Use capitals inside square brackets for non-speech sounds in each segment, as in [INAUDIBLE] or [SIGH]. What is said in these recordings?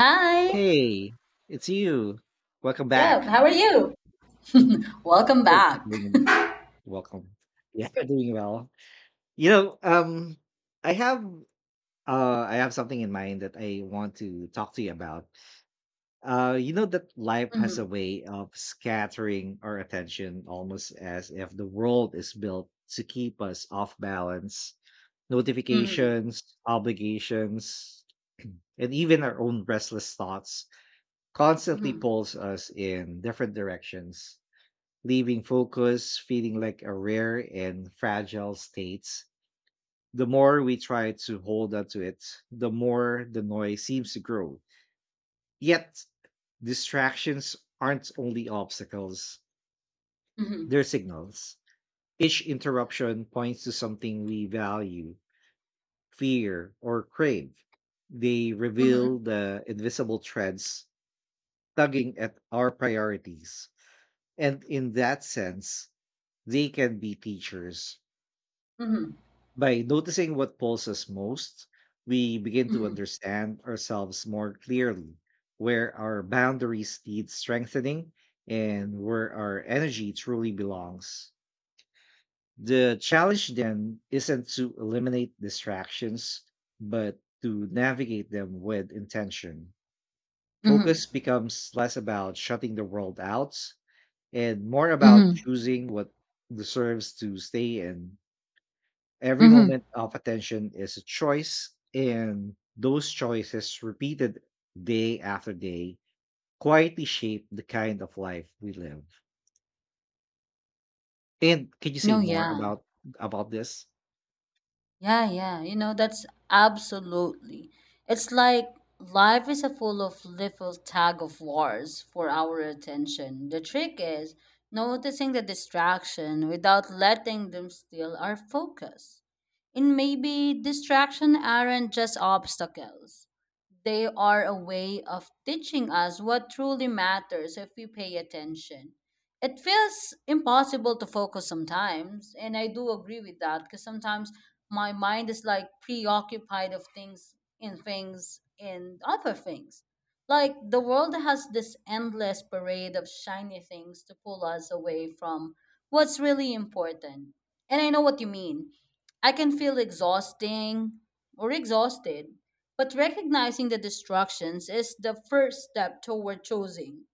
Hi. Hey, it's you. Welcome Yeah. back. How are you? Welcome Oh, back. doing welcome. Yeah, [LAUGHS] doing well. You know, I have I have something in mind that I want to talk to you about. You know that life has a Mm-hmm. way of scattering our attention almost as if the world is built to keep us off balance. Mm-hmm. Notifications, obligations, [CLEARS THROAT] and even our own restless thoughts constantly Mm-hmm. pulls us in different directions, leaving focus feeling like a rare and fragile state. The more we try to hold on to it, the more the noise seems to grow. Yet, distractions aren't only obstacles, Mm-hmm. they're signals. Each Yeah. interruption points to something we value, fear, or crave. They reveal Mm-hmm. the invisible threads tugging at our priorities. And in that sense, they can be teachers. Mm-hmm. By noticing what pulls us most, we begin to Mm-hmm. understand ourselves more clearly, where our boundaries need strengthening and where our energy truly belongs. The challenge then isn't to eliminate distractions, but to navigate them with intention. Mm-hmm. Focus becomes less about shutting the world out and more about Mm-hmm. choosing what deserves to stay in. Every Mm-hmm. moment of attention is a choice, and those choices, repeated day after day, quietly shape the kind of life we live. And can you say No, more yeah. about this? Yeah, yeah. You know, that's absolutely. It's like life is a full of little tag of wars for our attention. The trick is noticing the distraction without letting them steal our focus. And maybe distraction aren't just obstacles. They are a way of teaching us what truly matters if we pay attention. It feels impossible to focus sometimes, and I do agree with that because sometimes my mind is like preoccupied of things in things in other things, like the world has this endless parade of shiny things to pull us away from what's really important. And I know what you mean. I can feel exhausting or exhausted, but recognizing the distractions is the first step toward choosing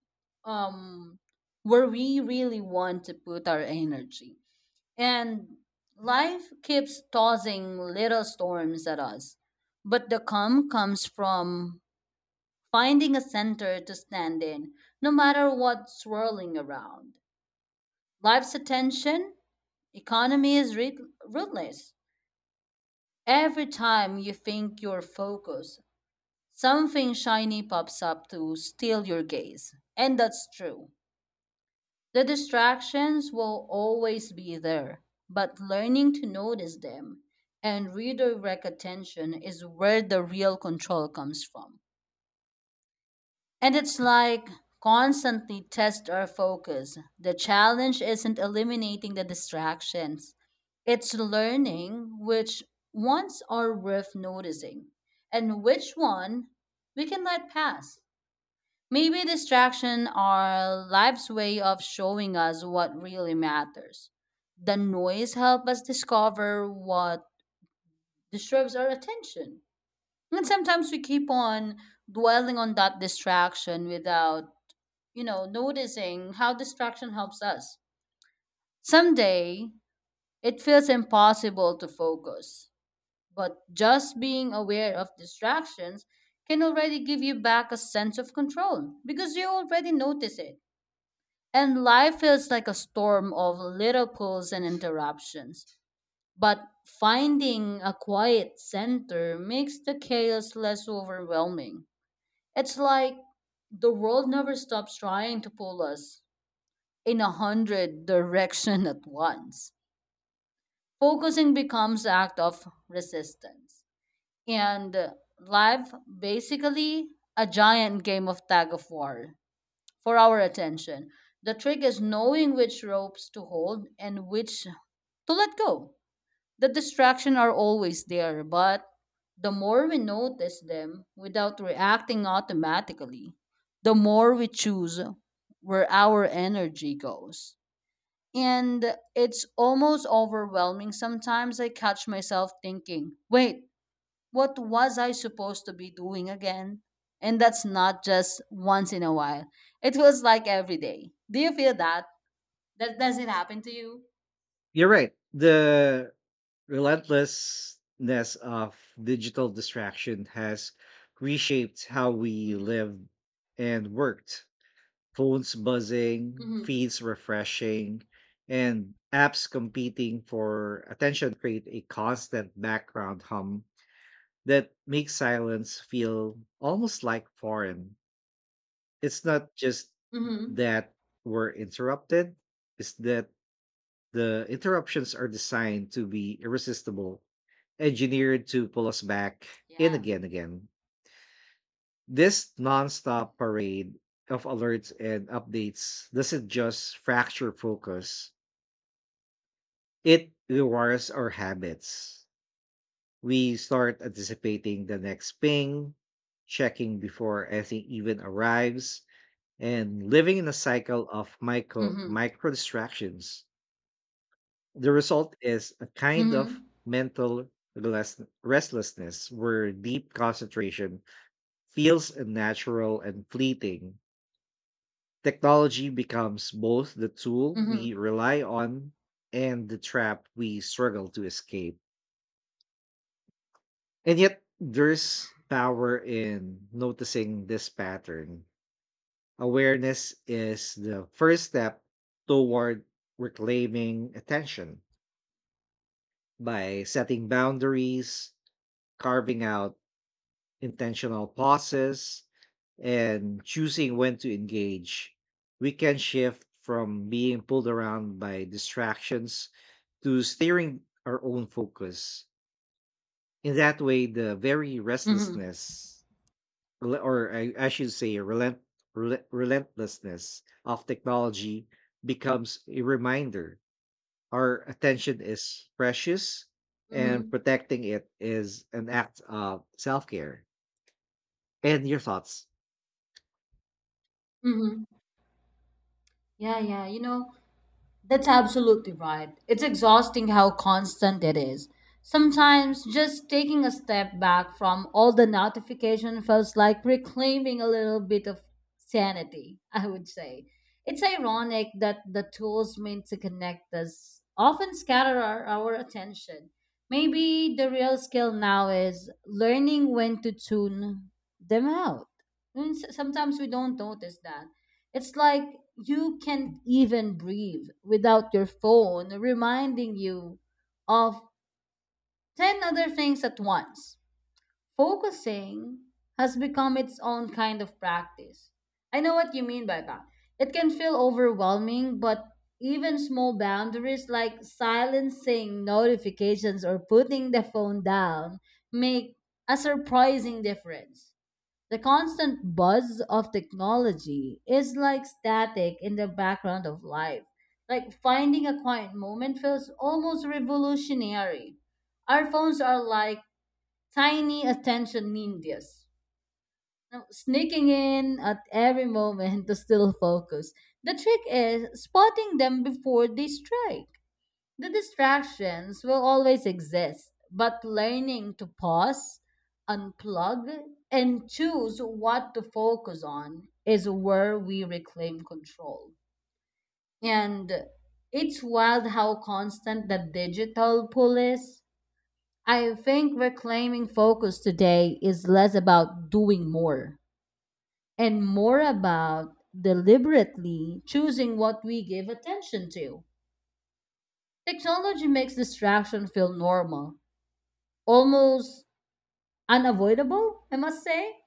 um where we really want to put our energy. And life keeps tossing little storms at us. But the calm comes from finding a center to stand in, no matter what's swirling around. Life's attention economy is ruthless. Every time you think you're focused, something shiny pops up to steal your gaze. And that's true. The distractions will always be there, but learning to notice them and redirect attention is where the real control comes from. And it's like constantly test our focus. The challenge isn't eliminating the distractions, it's learning which ones are worth noticing and which one we can let pass. Maybe distraction are life's way of showing us what really matters. The noise help us discover what disturbs our attention. And sometimes we keep on dwelling on that distraction without, you know, noticing how distraction helps us. Someday, it feels impossible to focus, but just being aware of distractions can already give you back a sense of control because you already notice it. And life feels like a storm of little pulls and interruptions. But finding a quiet center makes the chaos less overwhelming. It's like the world never stops trying to pull us in a hundred [LAUGHS] direction at once. Focusing becomes act of resistance. And life basically a giant game of tag of war for our attention. The trick is knowing which ropes to hold and which to let go. The distractions are always there, but the more we notice them without reacting automatically, the more we choose where our energy goes. And it's almost overwhelming. Sometimes I catch myself thinking, wait, what was I supposed to be doing again? And that's not just once in a while. It feels like every day. Do you feel that? That does it happen to you? You're right. The relentlessness of digital distraction has reshaped how we Mm-hmm. lived and worked, phones buzzing, Mm-hmm. feeds refreshing, and apps competing for attention create a constant background hum that makes silence feel almost like foreign. It's not just Mm-hmm. that we're interrupted, it's that the interruptions are designed to be irresistible, engineered to pull us back in Yeah. again. This nonstop parade of alerts and updates doesn't just fracture focus, it rewires Yeah. our habits. We start anticipating the next ping, checking before anything even arrives, and living in a cycle of Mm-hmm. micro distractions. The result is a kind of Mm-hmm. mental restlessness where deep concentration feels unnatural and fleeting. Technology becomes both the tool we Mm-hmm. rely on and the trap we struggle to escape. And yet, there's power in noticing this pattern. Awareness is the first step toward reclaiming attention by setting boundaries, carving out intentional pauses, and choosing when to engage, we can shift from being pulled around by distractions to steering our own focus. In that way, the very Mm-hmm. restlessness, rel- or I should say, relent, rel- relentlessness of technology becomes a reminder our attention is precious and Mm-hmm. protecting it is an act of self care. And your thoughts. Mm-hmm. Yeah, yeah. You know, that's absolutely right. It's exhausting how constant it is. Sometimes just taking a step back from all the notification feels like reclaiming a little bit of sanity, [LAUGHS] I would say. It's ironic that the tools meant to connect us often scatter our attention. Maybe the real skill now is learning when to tune them out. And sometimes we don't notice that. It's like you can't even breathe without your phone reminding you of 10 other things at once. Focusing has become its own kind of practice. I know what you mean by that. It can feel overwhelming, but even small boundaries like silencing notifications or putting the phone down make a surprising difference. The constant buzz of technology is like static in the background of life. Like finding a quiet moment feels almost revolutionary. Our phones are like tiny attention ninjas now, sneaking in at every [LAUGHS] moment to still focus. The trick is spotting them before they strike. The distractions will always exist, but learning to pause, unplug, and choose what to focus on is where we reclaim control. And it's wild how constant the digital pull is. I think reclaiming focus today is less about doing more and more about deliberately choosing what we give attention to. Technology makes distraction feel normal, almost unavoidable, I must say.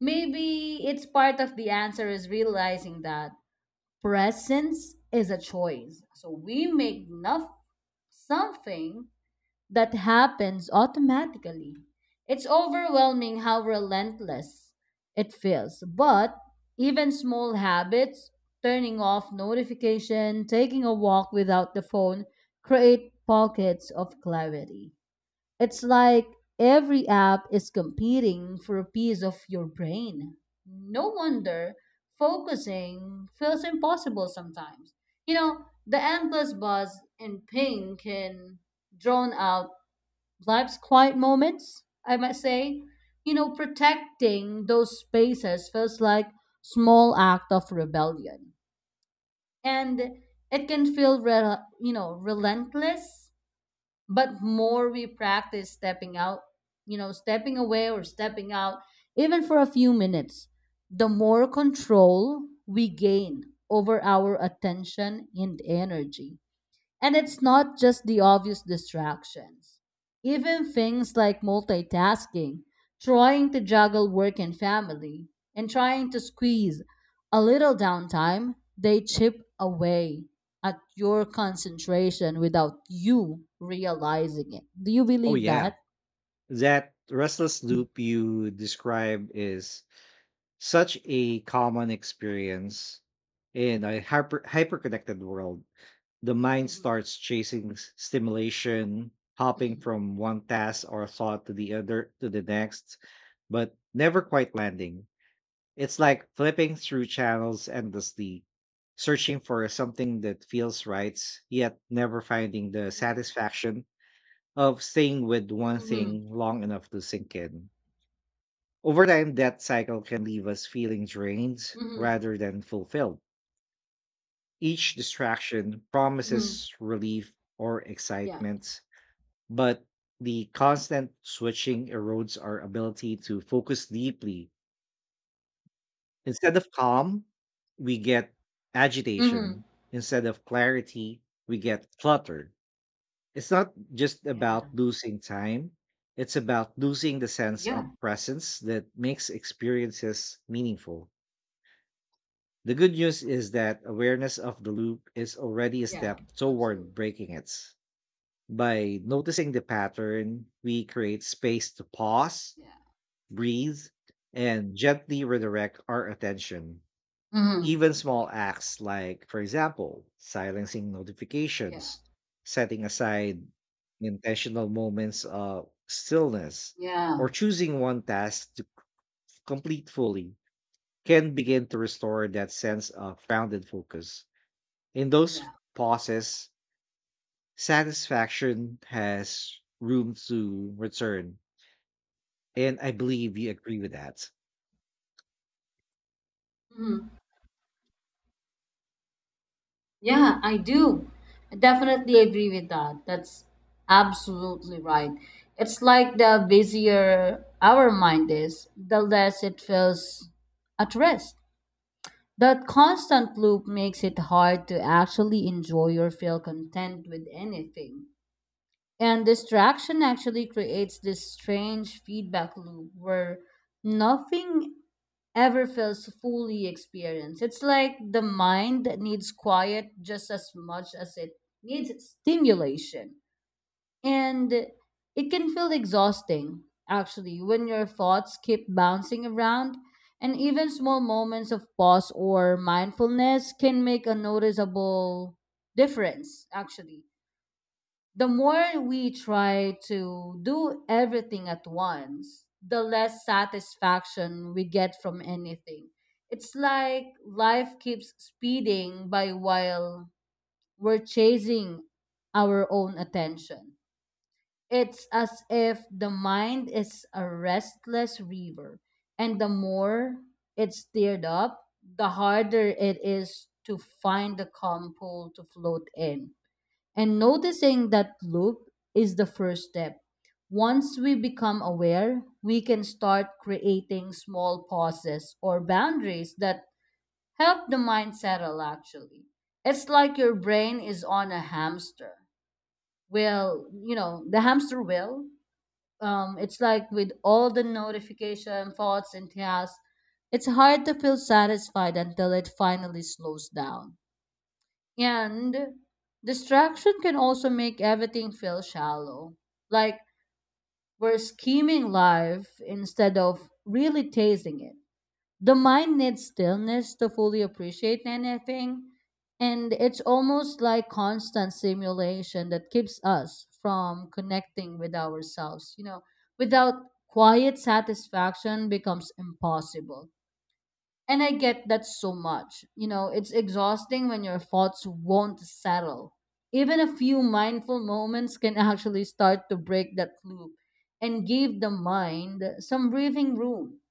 Maybe it's part of the answer is realizing that presence is a choice. So we make enough something that happens automatically. It's overwhelming how relentless it feels. But even small habits, turning off notification, taking a walk without the phone, create pockets of clarity. It's like every app is competing for a piece of your brain. No wonder focusing feels impossible sometimes. You know, the endless buzz and ping can drown out life's quiet moments, I might say. You know, protecting those spaces feels like small act of rebellion. And it can feel, relentless, but more we practice stepping out, you know, stepping away or stepping out, even for a few minutes, the more control we gain over our attention and energy. And it's not just the obvious distractions. Even things like multitasking, trying to juggle work and family, and trying to squeeze a little downtime, they chip away at your concentration without you realizing it. Do you Oh believe yeah, that? that restless loop you describe is such a common experience in a hyperconnected world. The mind Mm-hmm. starts chasing stimulation, hopping from one task or thought to the other to the next, but never quite landing. It's like flipping through channels endlessly, Correct. searching for something that feels right, yet never finding the satisfaction of staying with one Mm-hmm. thing long enough to sink in. Over time, that cycle can leave us feeling drained Hmm. rather than fulfilled. Each distraction Hmm. promises relief or Yeah. excitement, but the constant switching erodes our ability to focus deeply. Instead of calm, we get Hmm. agitation. Instead of clarity, we get clutter. It's not just Yeah. about losing time, it's about losing the sense of Yeah. presence that makes experiences meaningful. The good news is that awareness of the loop is already a Yeah. step toward Absolutely. breaking it. By noticing the pattern, we create space to pause, Yeah. breathe, and gently redirect our attention. Mm-hmm. Even small acts like, for example, silencing Yeah. notifications, setting aside intentional moments of stillness, or choosing one task to complete fully can begin to restore that sense of grounded focus. In those Yeah. pauses, satisfaction has room to return. And I believe you agree with that. Yeah, I do. I definitely agree with that. That's absolutely right. It's like the busier our mind is, the less it feels at rest. That constant loop makes it hard to actually enjoy or feel content with anything. And distraction actually creates this strange feedback loop where nothing ever feels fully experienced. It's like the mind that needs quiet just as much as it needs stimulation. And it can feel exhausting, actually, when your thoughts keep bouncing around. And even small moments of pause or mindfulness can make a noticeable difference, actually the more we try to do everything at once, the less satisfaction we get from anything. It's like life keeps speeding by while we're chasing our own attention. It's as if the mind is a restless river, and the more it's stirred up, the harder it is to find the calm pool to float in. And noticing that loop is the first step. Once we become aware, we can start creating small pauses or boundaries that help the mind settle actually. It's like your brain is on a hamster. Well, you know, the hamster wheel. It's like with all the notification, thoughts, and tasks, it's hard to feel satisfied until it finally slows down. And distraction can also make everything feel shallow. Like we're scheming life instead of really tasting it. The mind needs stillness to fully appreciate anything. And it's almost like constant simulation that keeps us from connecting with ourselves. You know, without quiet satisfaction becomes impossible. And I get that so much. You know, it's exhausting when your thoughts won't settle. Even a few mindful moments can [LAUGHS] actually start to break that loop and give the mind some breathing room.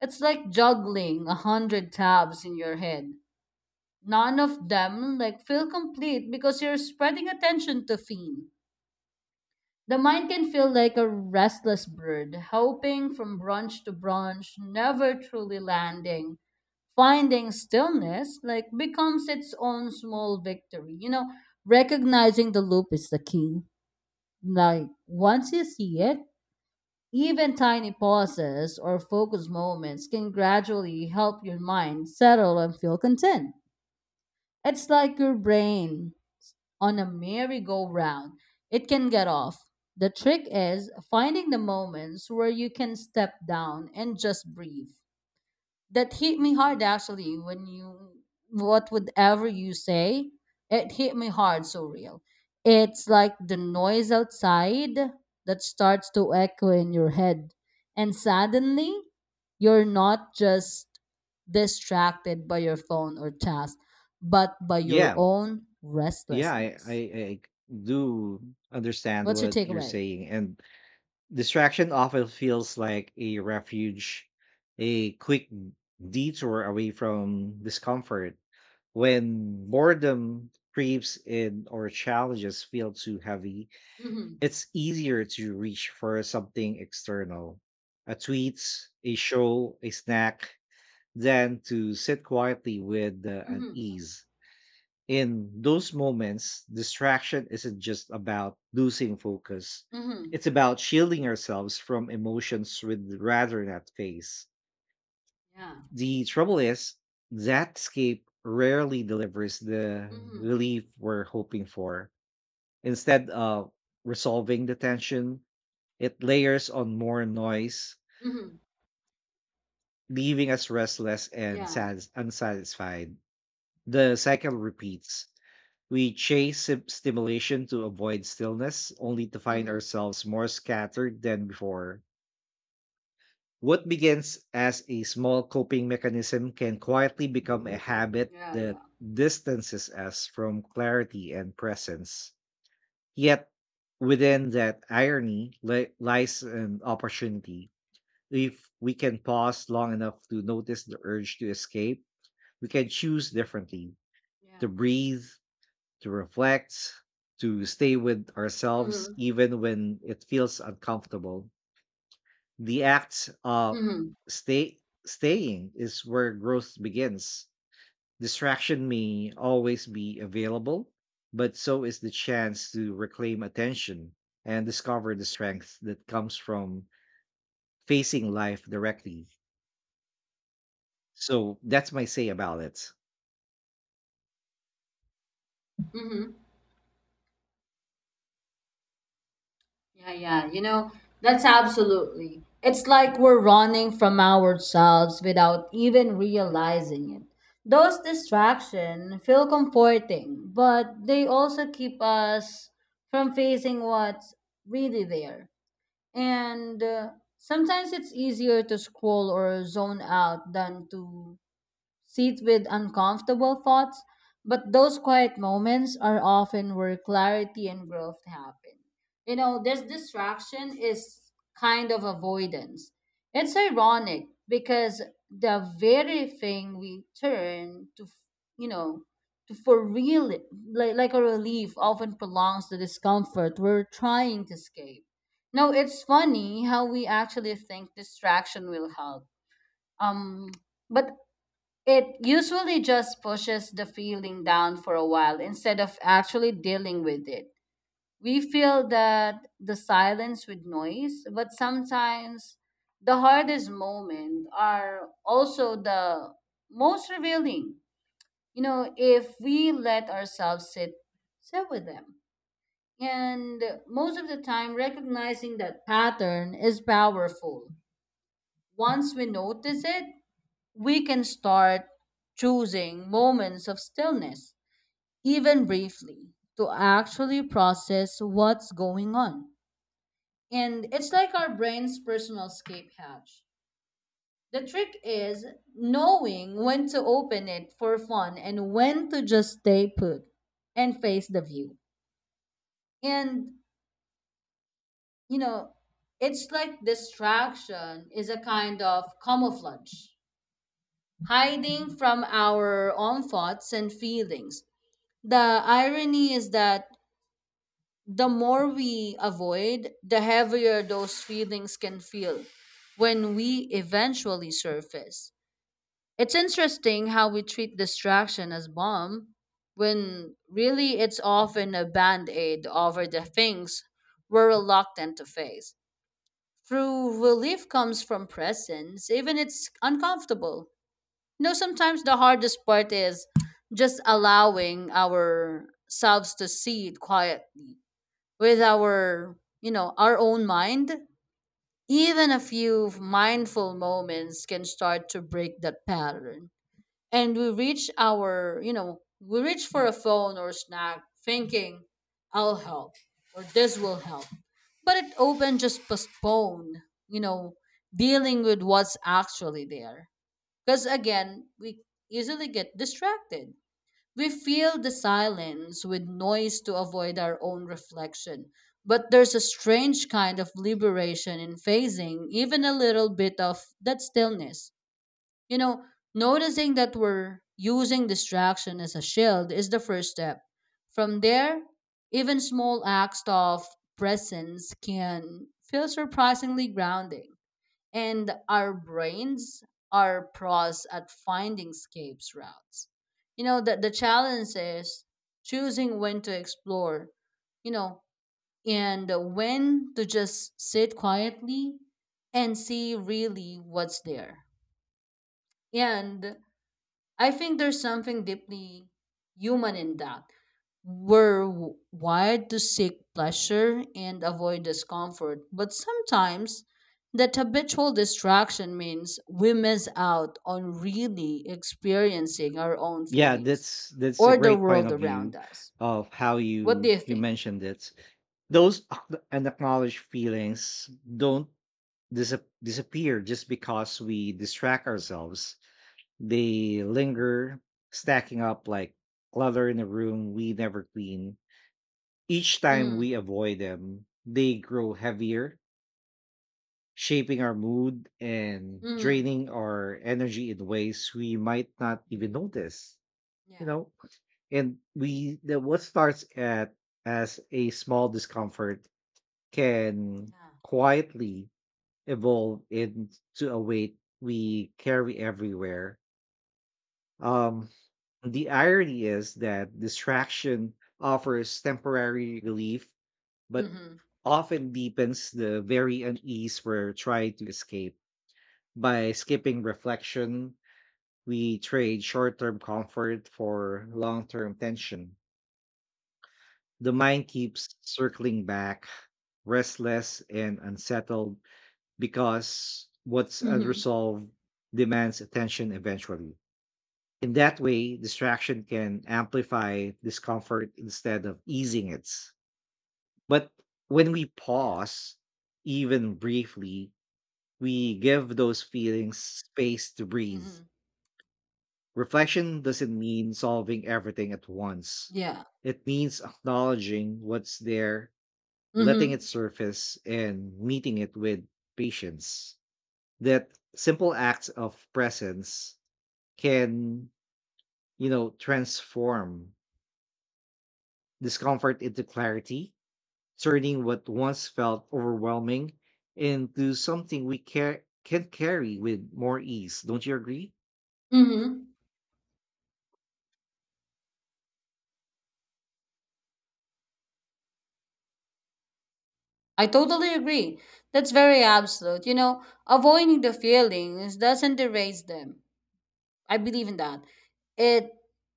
It's like juggling a hundred tabs in your head. None of them like feel complete because you're spreading attention to theme. The mind can feel like a restless bird, hopping from branch to branch, never truly landing. Finding stillness like becomes its own small victory. You know, recognizing the loop is the key. Like once you see it, even tiny pauses or focus moments can gradually help your mind settle and feel content. It's like your brain on a merry-go-round, it can get off. The trick is finding the moments where you can step down and just breathe. That hit me hard actually when you what would you say, it hit me hard so real. It's like the noise outside that starts to echo in your head. And suddenly you're not just distracted by your phone or task, but by your Yeah, own yeah, I, I, restlessness. I do understand What's your what you're takeaway? saying, and distraction often feels like a refuge, a quick detour away from discomfort. When boredom creeps in or challenges feel too heavy, Mhm. it's easier to reach for something external, a tweet, a show, a snack, than to sit quietly with the Mhm. unease. In those moments, distraction isn't just about losing focus. Mhm. It's about shielding ourselves from emotions we'd rather not face. Yeah. The trouble is, that escape rarely delivers the Mhm. relief we're hoping for. Instead of resolving the tension, it layers on more noise, Mhm. leaving us restless and Yeah. Unsatisfied. The cycle repeats. We chase stimulation to avoid stillness, only to find Mhm. ourselves more scattered than before. What begins as a small coping mechanism can quietly become a habit Yeah. that Yeah. distances us from clarity and presence. Yet, within that irony lies an opportunity. If we can pause long enough to notice the urge to escape, we can choose differently Yeah. to breathe, to reflect, to stay with ourselves, Mhm. even when it feels uncomfortable. The act of Mhm. stay staying is where growth begins. Distraction may always be available, but so is the chance to reclaim attention and discover the strength that comes from facing life directly. So that's my say about it. Mhm. Yeah. Yeah. You know, that's absolutely. It's like we're running from ourselves without even realizing it. Those distractions feel comforting, but they also keep us from facing what's really there. And sometimes it's easier to scroll or zone out than to sit with uncomfortable thoughts, but those quiet moments are often where clarity and growth happen. You know, this distraction is kind of avoidance. It's ironic because the very thing we turn to, you know, to for real, like a relief, often prolongs the discomfort we're trying to escape. Now, it's funny how we actually think distraction will help. Um, but it usually just pushes the feeling down for a while instead of actually dealing with it. We feel that the silence with noise, but sometimes the hardest moments are also the most revealing. You know, if we let ourselves sit with them. And most of the time recognizing that pattern is powerful. Once we notice it, we can start choosing moments of stillness, even briefly, to actually process what's going on. And it's like our brain's personal escape hatch. The trick is knowing when to open it for fun and when to just stay put and face the view. And, you know, it's like distraction is a kind of camouflage, hiding from our own thoughts and feelings. The irony is that the more we avoid, the heavier those feelings can feel when we eventually surface. It's interesting how we treat distraction as bomb when really it's often a band-aid over the things we're reluctant to face. True relief comes from presence, even it's uncomfortable. No, sometimes the hardest part is just allowing ourselves to see it quietly with our own mind. Even a few mindful moments can start to break that pattern. And we reach our, you know, we reach for a phone or snack thinking, I'll help or this will help. But it often just postpone, you know, dealing with what's actually there. Because again, we easily get distracted. We fill the silence with noise to avoid our own reflection. But there's a strange kind of liberation in facing even a little bit of that stillness. You know, noticing that we're using distraction as a shield is the first step. From there, even small acts of presence can feel surprisingly grounding, and our brains are pros at finding escape routes. You know that the challenge is choosing when to explore, you know, and when to just sit quietly and see really what's there. And I think there's something deeply human in that. We're wired to seek pleasure and avoid discomfort, but sometimes that habitual distraction means we miss out on really experiencing our own Yeah, feelings that's a or the great point world of around view us. of how What do you you you think? mentioned it. Those unacknowledged feelings don't dis- disappear just because we distract ourselves. They linger, stacking up like clutter in a room we never clean. Each time we Mm, avoid them they grow heavier, shaping our mood and mm, draining our energy in ways we might not even notice you yeah, know And we the what starts at as a small discomfort can yeah, quietly evolve into a weight we carry everywhere. Um, the irony is that distraction offers temporary relief, but mm-hmm, often deepens the very unease we're trying to escape. By skipping reflection, we trade short term comfort for long term tension. The mind keeps circling back, restless and unsettled, because what's mm-hmm, unresolved demands attention eventually. In that way, distraction can amplify discomfort instead of easing it. But when we yeah, pause, even briefly, we give those feelings space to breathe. mm-hmm, Reflection doesn't mean solving everything at once. yeah, It means acknowledging what's there, letting it mm-hmm, surface and meeting it with patience. That simple acts of presence can transform discomfort into clarity, turning what once felt overwhelming into something we care can carry with more ease, don't you agree? mm-hmm. I totally agree. That's very absolute. You know, avoiding the feelings doesn't erase them. I believe in that. It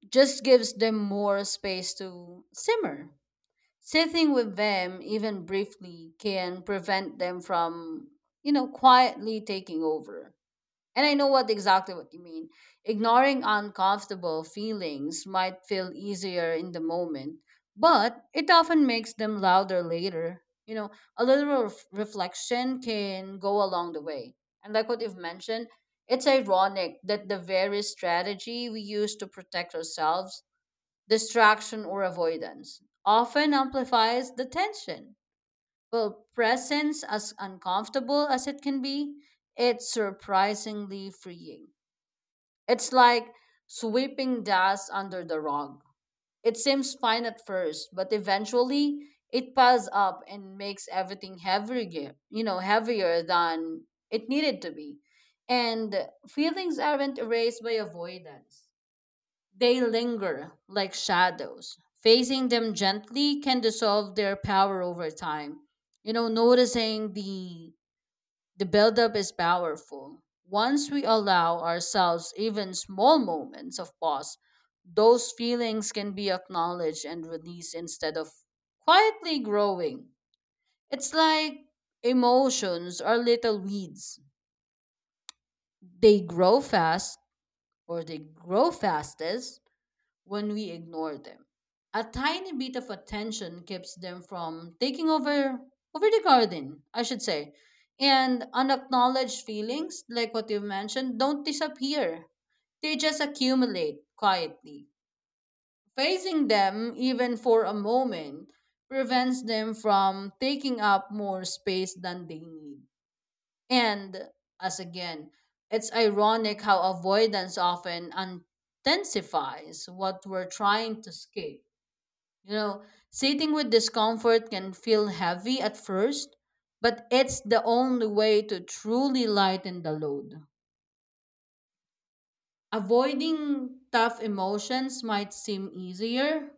just gives them more space to simmer. Sitting with them, even briefly, can prevent them from, quietly taking over. And I know what exactly what you mean. Ignoring uncomfortable feelings might feel easier in the moment, but it often makes them louder later. You know, a little reflection can go along the way. And like what you've mentioned, it's ironic that the very strategy we use to protect ourselves, distraction or avoidance, often amplifies the tension. Well, presence, as uncomfortable as it can be, it's surprisingly freeing. It's like sweeping dust under the rug. It seems fine at first, but eventually it piles up and makes everything heavier, heavier than it needed to be. And feelings aren't erased by avoidance. They linger like shadows. Facing them gently can dissolve their power over time. You know, noticing the buildup is powerful. Once we allow ourselves even small moments of pause, those feelings can be acknowledged and released instead of quietly growing. It's like emotions are little weeds. They grow fast, or they grow fastest when we ignore them. A tiny bit of attention keeps them from taking over the garden, I should say. And unacknowledged feelings, like what you mentioned, don't disappear. They just accumulate quietly. Facing them, even for a moment, prevents them from taking up more space than they need. And as again, it's ironic how avoidance often intensifies what we're trying to escape. You know, sitting with discomfort can feel heavy at first, but it's the only way to truly lighten the load. Avoiding tough emotions might seem easier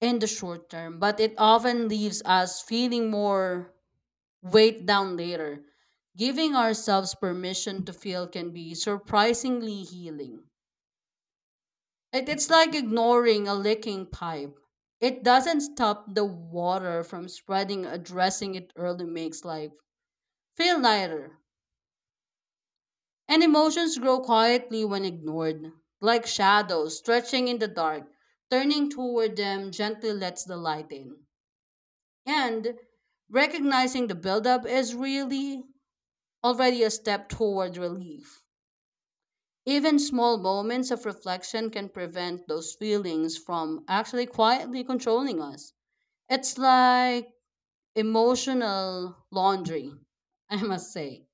in the short term, but it often leaves us feeling more weight down later. Giving ourselves permission to feel can be surprisingly healing. It's like ignoring a leaking pipe. It doesn't stop the water from spreading, addressing it early makes life feel lighter. And emotions grow quietly when ignored, like shadows stretching in the dark. Turning toward them gently lets the light in. And recognizing the buildup is really already a step toward relief. Even small moments of reflection can prevent those feelings from actually quietly controlling us. It's like emotional laundry, [LAUGHS] I must say.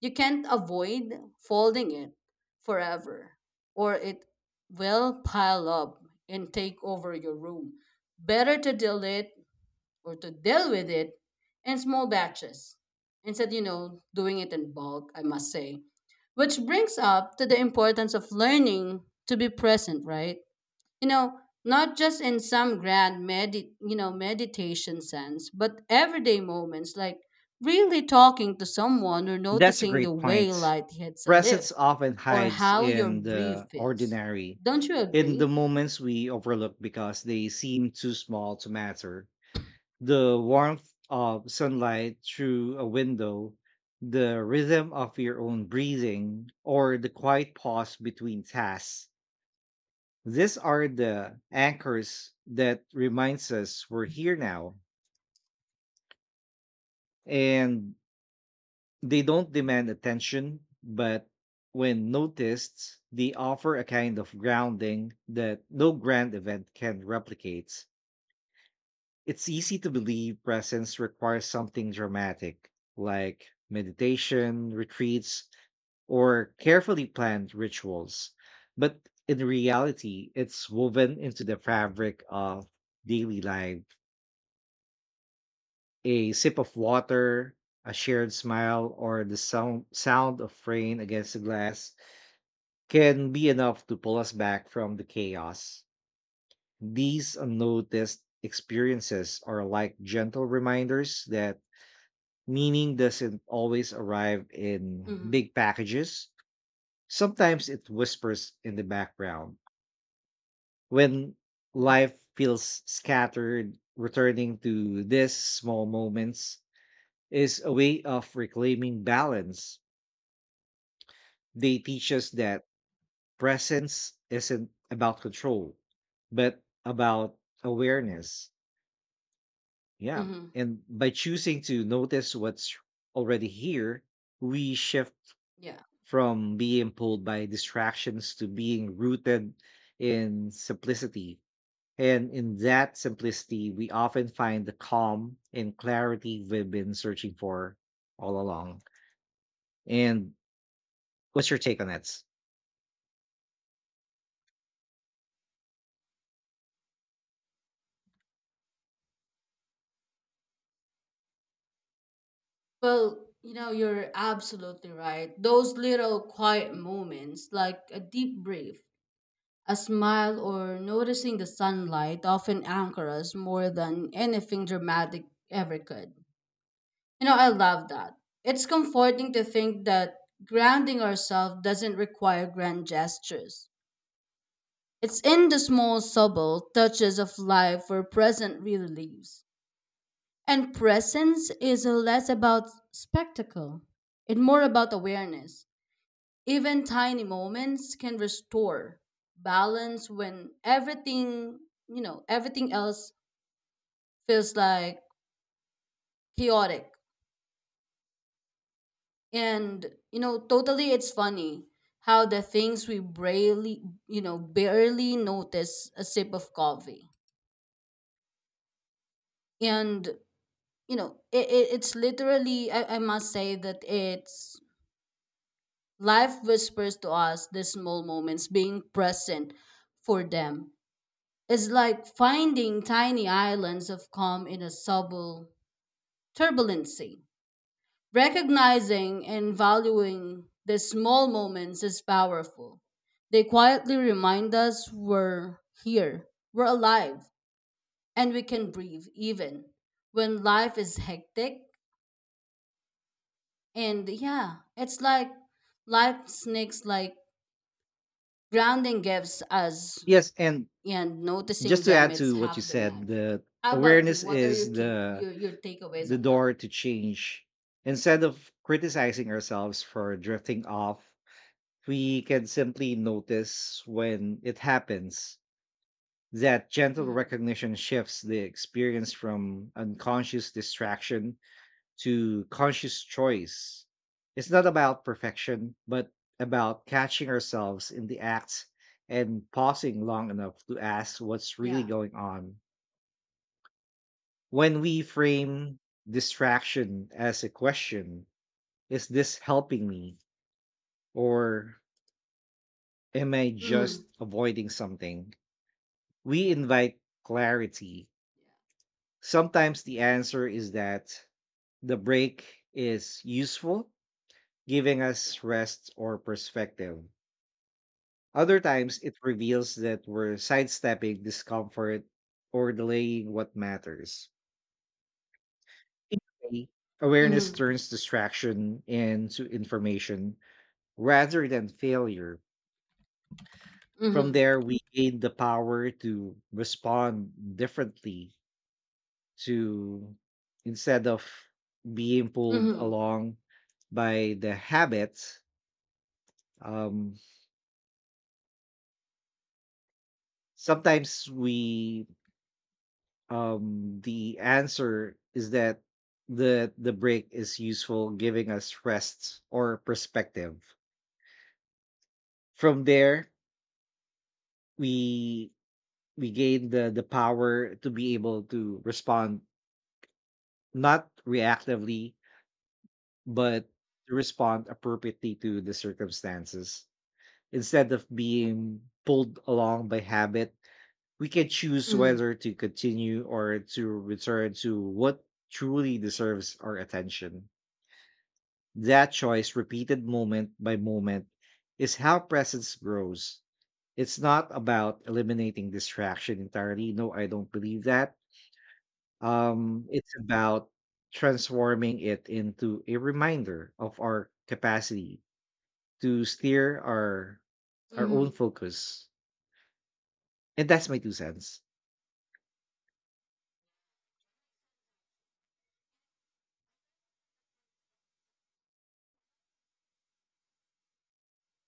You can't avoid folding it forever, or it will pile up and take over your room. Better to deal it, or to deal with it in small batches instead, doing it in bulk, I must say. Which brings up to the importance of learning to be present, right? You know, not just in some grand meditation sense, but everyday moments like really talking to someone, or That's a noticing the great way point. light hits a Presence leaf, often or hides how your in the breath feels. ordinary, Don't you in the agree? moments we overlook because they seem too small to matter, the warmth of sunlight through a window, the rhythm of your own breathing, or the quiet pause between tasks. These are the anchors that reminds us we're here now. And they don't demand attention, but when noticed, they offer a kind of grounding that no grand event can replicate. It's easy to believe presence requires something dramatic, like meditation, retreats, or carefully planned rituals. But in reality, it's woven into the fabric of daily life. A sip of water, a shared smile, or the sound of rain against the glass can be enough to pull us back from the chaos. These unnoticed experiences are like gentle reminders that meaning doesn't always arrive in Mm-hmm. big packages. Sometimes it whispers in the background. When life feels scattered, returning to these small moments is a way of reclaiming balance. They teach us that presence isn't about control, but about awareness. Yeah. Mm-hmm. And by choosing to notice what's already here, we shift Yeah. from being pulled by distractions to being rooted in simplicity. And in that simplicity, we often find the calm and clarity we've been searching for all along. And what's your take on that? Well, you know, you're absolutely right. Those little quiet moments, like a deep breath, a smile, or noticing the sunlight, often anchor us more than anything dramatic ever could. You know, I love that. It's comforting to think that grounding ourselves doesn't require grand gestures. It's in the small, subtle touches of life where present really lives. And presence is less about spectacle and more about awareness. Even tiny moments can restore balance when everything, everything else feels like chaotic. And, totally it's funny how the things we barely notice a sip of coffee. And, it's literally, I must say that it's life whispers to us the small moments being present for them is like finding tiny islands of calm in a subtle turbulency. Recognizing and valuing the small moments is powerful. They quietly remind us we're here, we're alive, and we can breathe even when life is hectic. And yeah, it's like life sneaks like grounding gifts us, Yes, and and noticing just to them add it's to what you half the said, magic. the How about you? awareness What are is your ca- the your your takeaways the on that? door to change. Instead of criticizing ourselves for drifting off, we can simply notice when it happens. That gentle Mm-hmm. recognition shifts the experience from unconscious distraction to conscious choice. It's not about perfection, but about catching ourselves in the act and pausing long enough to ask what's really Yeah, going on. When we frame distraction as a question, is this helping me? Or am I mm-hmm. just avoiding something? We invite clarity. Sometimes the answer is that the break is useful, giving Yeah, us rest or perspective. Other times it reveals that we're sidestepping discomfort or delaying what matters. Either way, yeah, awareness mm-hmm. turns distraction into information rather than failure. From Mm-hmm. there, we gain the power to respond differently, to instead of being pulled Mm-hmm. along by the habit. Um sometimes we um the answer is that the break is useful, giving us rest or perspective. From there, we we gain the power to be able to respond, not reactively, but to respond appropriately to the circumstances. Instead of being pulled along by habit, we can choose Mm-hmm. whether to continue or to return to what truly deserves our attention. That choice, repeated moment by moment, is how presence grows. It's not about eliminating distraction entirely. No, I don't believe that. It's about transforming it into a reminder of our capacity to steer our own Mm-hmm. focus. And that's my two cents.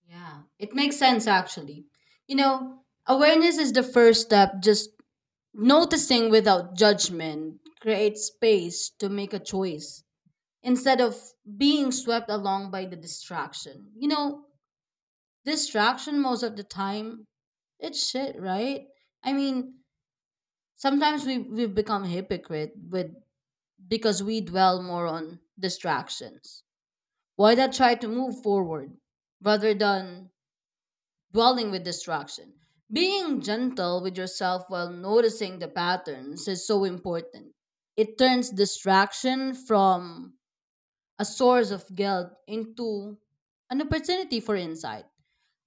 Yeah, it makes sense actually. You know, awareness is the first step. Just noticing without judgment creates space to make a choice, instead of being swept along by the distraction. You know, distraction most of the time, it's shit, right? I mean, sometimes we've become hypocrite with, because we dwell more on distractions. Why not try to move forward rather than dwelling with distraction? Being gentle with yourself while noticing the patterns is so important. It turns distraction from a source of guilt into an opportunity for insight.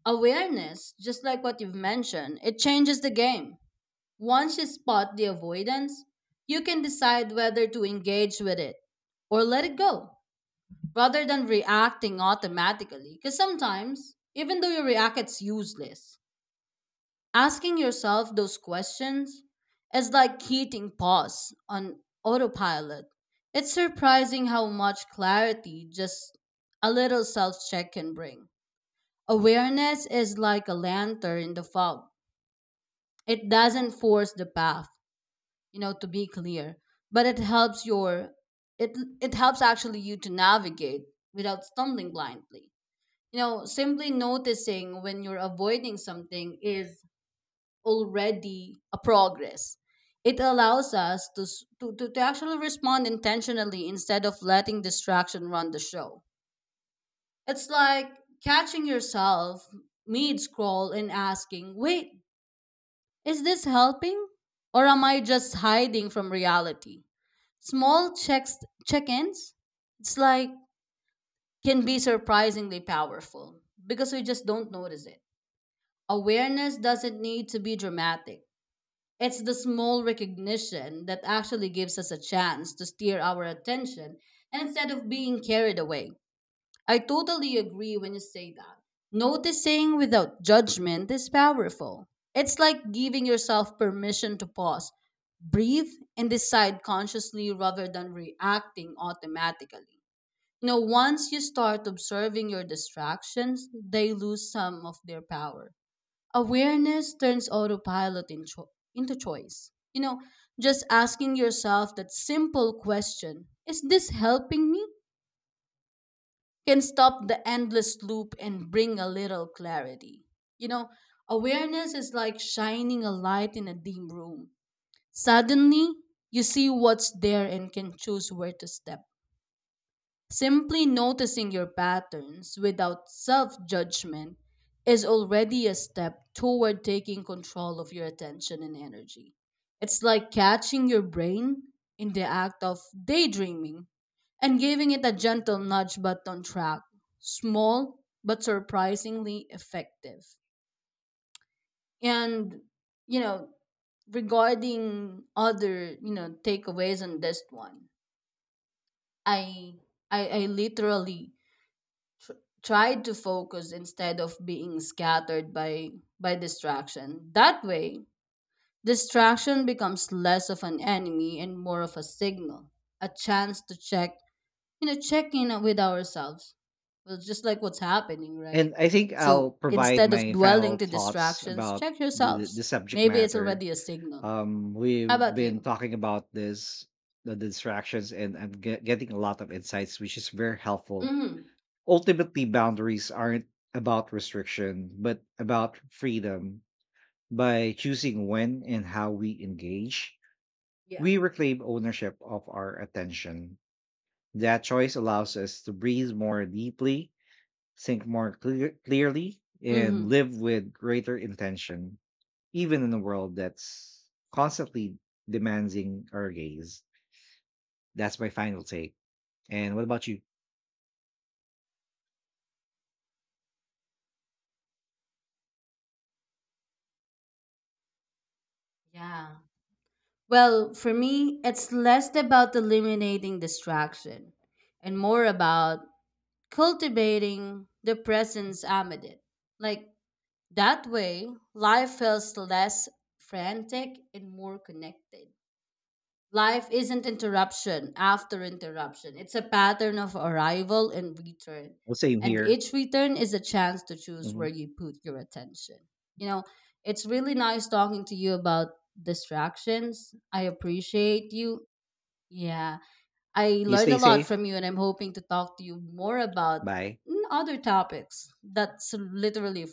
Awareness, just like what you've mentioned, it changes the game. Once you spot the avoidance, you can decide whether to engage with it or let it go rather than reacting automatically. Because sometimes, even though you react, it's useless. Asking yourself those questions is like hitting pause on autopilot. It's surprising how much clarity just a little self check can bring. Awareness is like a lantern in the fog. It doesn't force the path, to be clear, but it helps actually you to navigate without stumbling blindly. You know, simply noticing when you're avoiding something is already a progress. It allows us to, to actually respond intentionally instead of letting distraction run the show. It's like catching yourself mid scroll and asking, wait, is this helping? Or am I just hiding from reality? Small check ins, it's like, can be surprisingly powerful because we just don't notice it. Awareness doesn't need to be dramatic. It's the small recognition that actually gives us a chance to steer our attention and instead of being carried away. I totally agree when you say that. Noticing without judgment is powerful. It's like giving yourself permission to pause, breathe, and decide consciously rather than reacting automatically. You know, once you start observing your distractions, they lose some of their power. Awareness turns autopilot into choice. You know, just asking yourself that simple question, is this helping me, can stop the endless loop and bring a little clarity. You know, awareness is like shining a light in a dim room. Suddenly, you see what's there and can choose where to step. Simply noticing your patterns without self judgment is already a step toward taking control of your attention and energy. It's like catching your brain in the act of daydreaming and giving it a gentle nudge but on track. Small but surprisingly effective. And, you know, regarding other, takeaways on this one, I I literally tried to focus instead of being scattered by distraction. That way, distraction becomes less of an enemy and more of a signal, a chance to check, check in with ourselves. Well, just like what's happening, right? And I think I'll So provide instead of my dwelling final to thoughts distractions, about check the yourselves. subject Maybe it's matter. already a signal. How We've about been you? talking about this, the distractions, and I'm getting a lot of insights, which is very helpful. Mm-hmm. Ultimately, boundaries aren't about restriction, but about freedom. By choosing when and how we engage, Yeah. we reclaim ownership of our attention. That choice allows us to breathe more deeply, think more clearly, and Mm-hmm. live with greater intention, even in a world that's constantly demanding our gaze. That's my final take. And what about you? Yeah. Well, for me, it's less about eliminating distraction and more about cultivating the presence amid it. Like that way, life feels less frantic and more connected. Life isn't interruption after interruption. It's a pattern of arrival and return. Well, same And here. each return is a chance to choose where Mhm. you put your attention. You know, it's really nice talking to you about distractions. I appreciate you. Yeah, I You learned stay a lot safe. from you, and I'm hoping to talk to you more about Bye. mm, other topics that's literally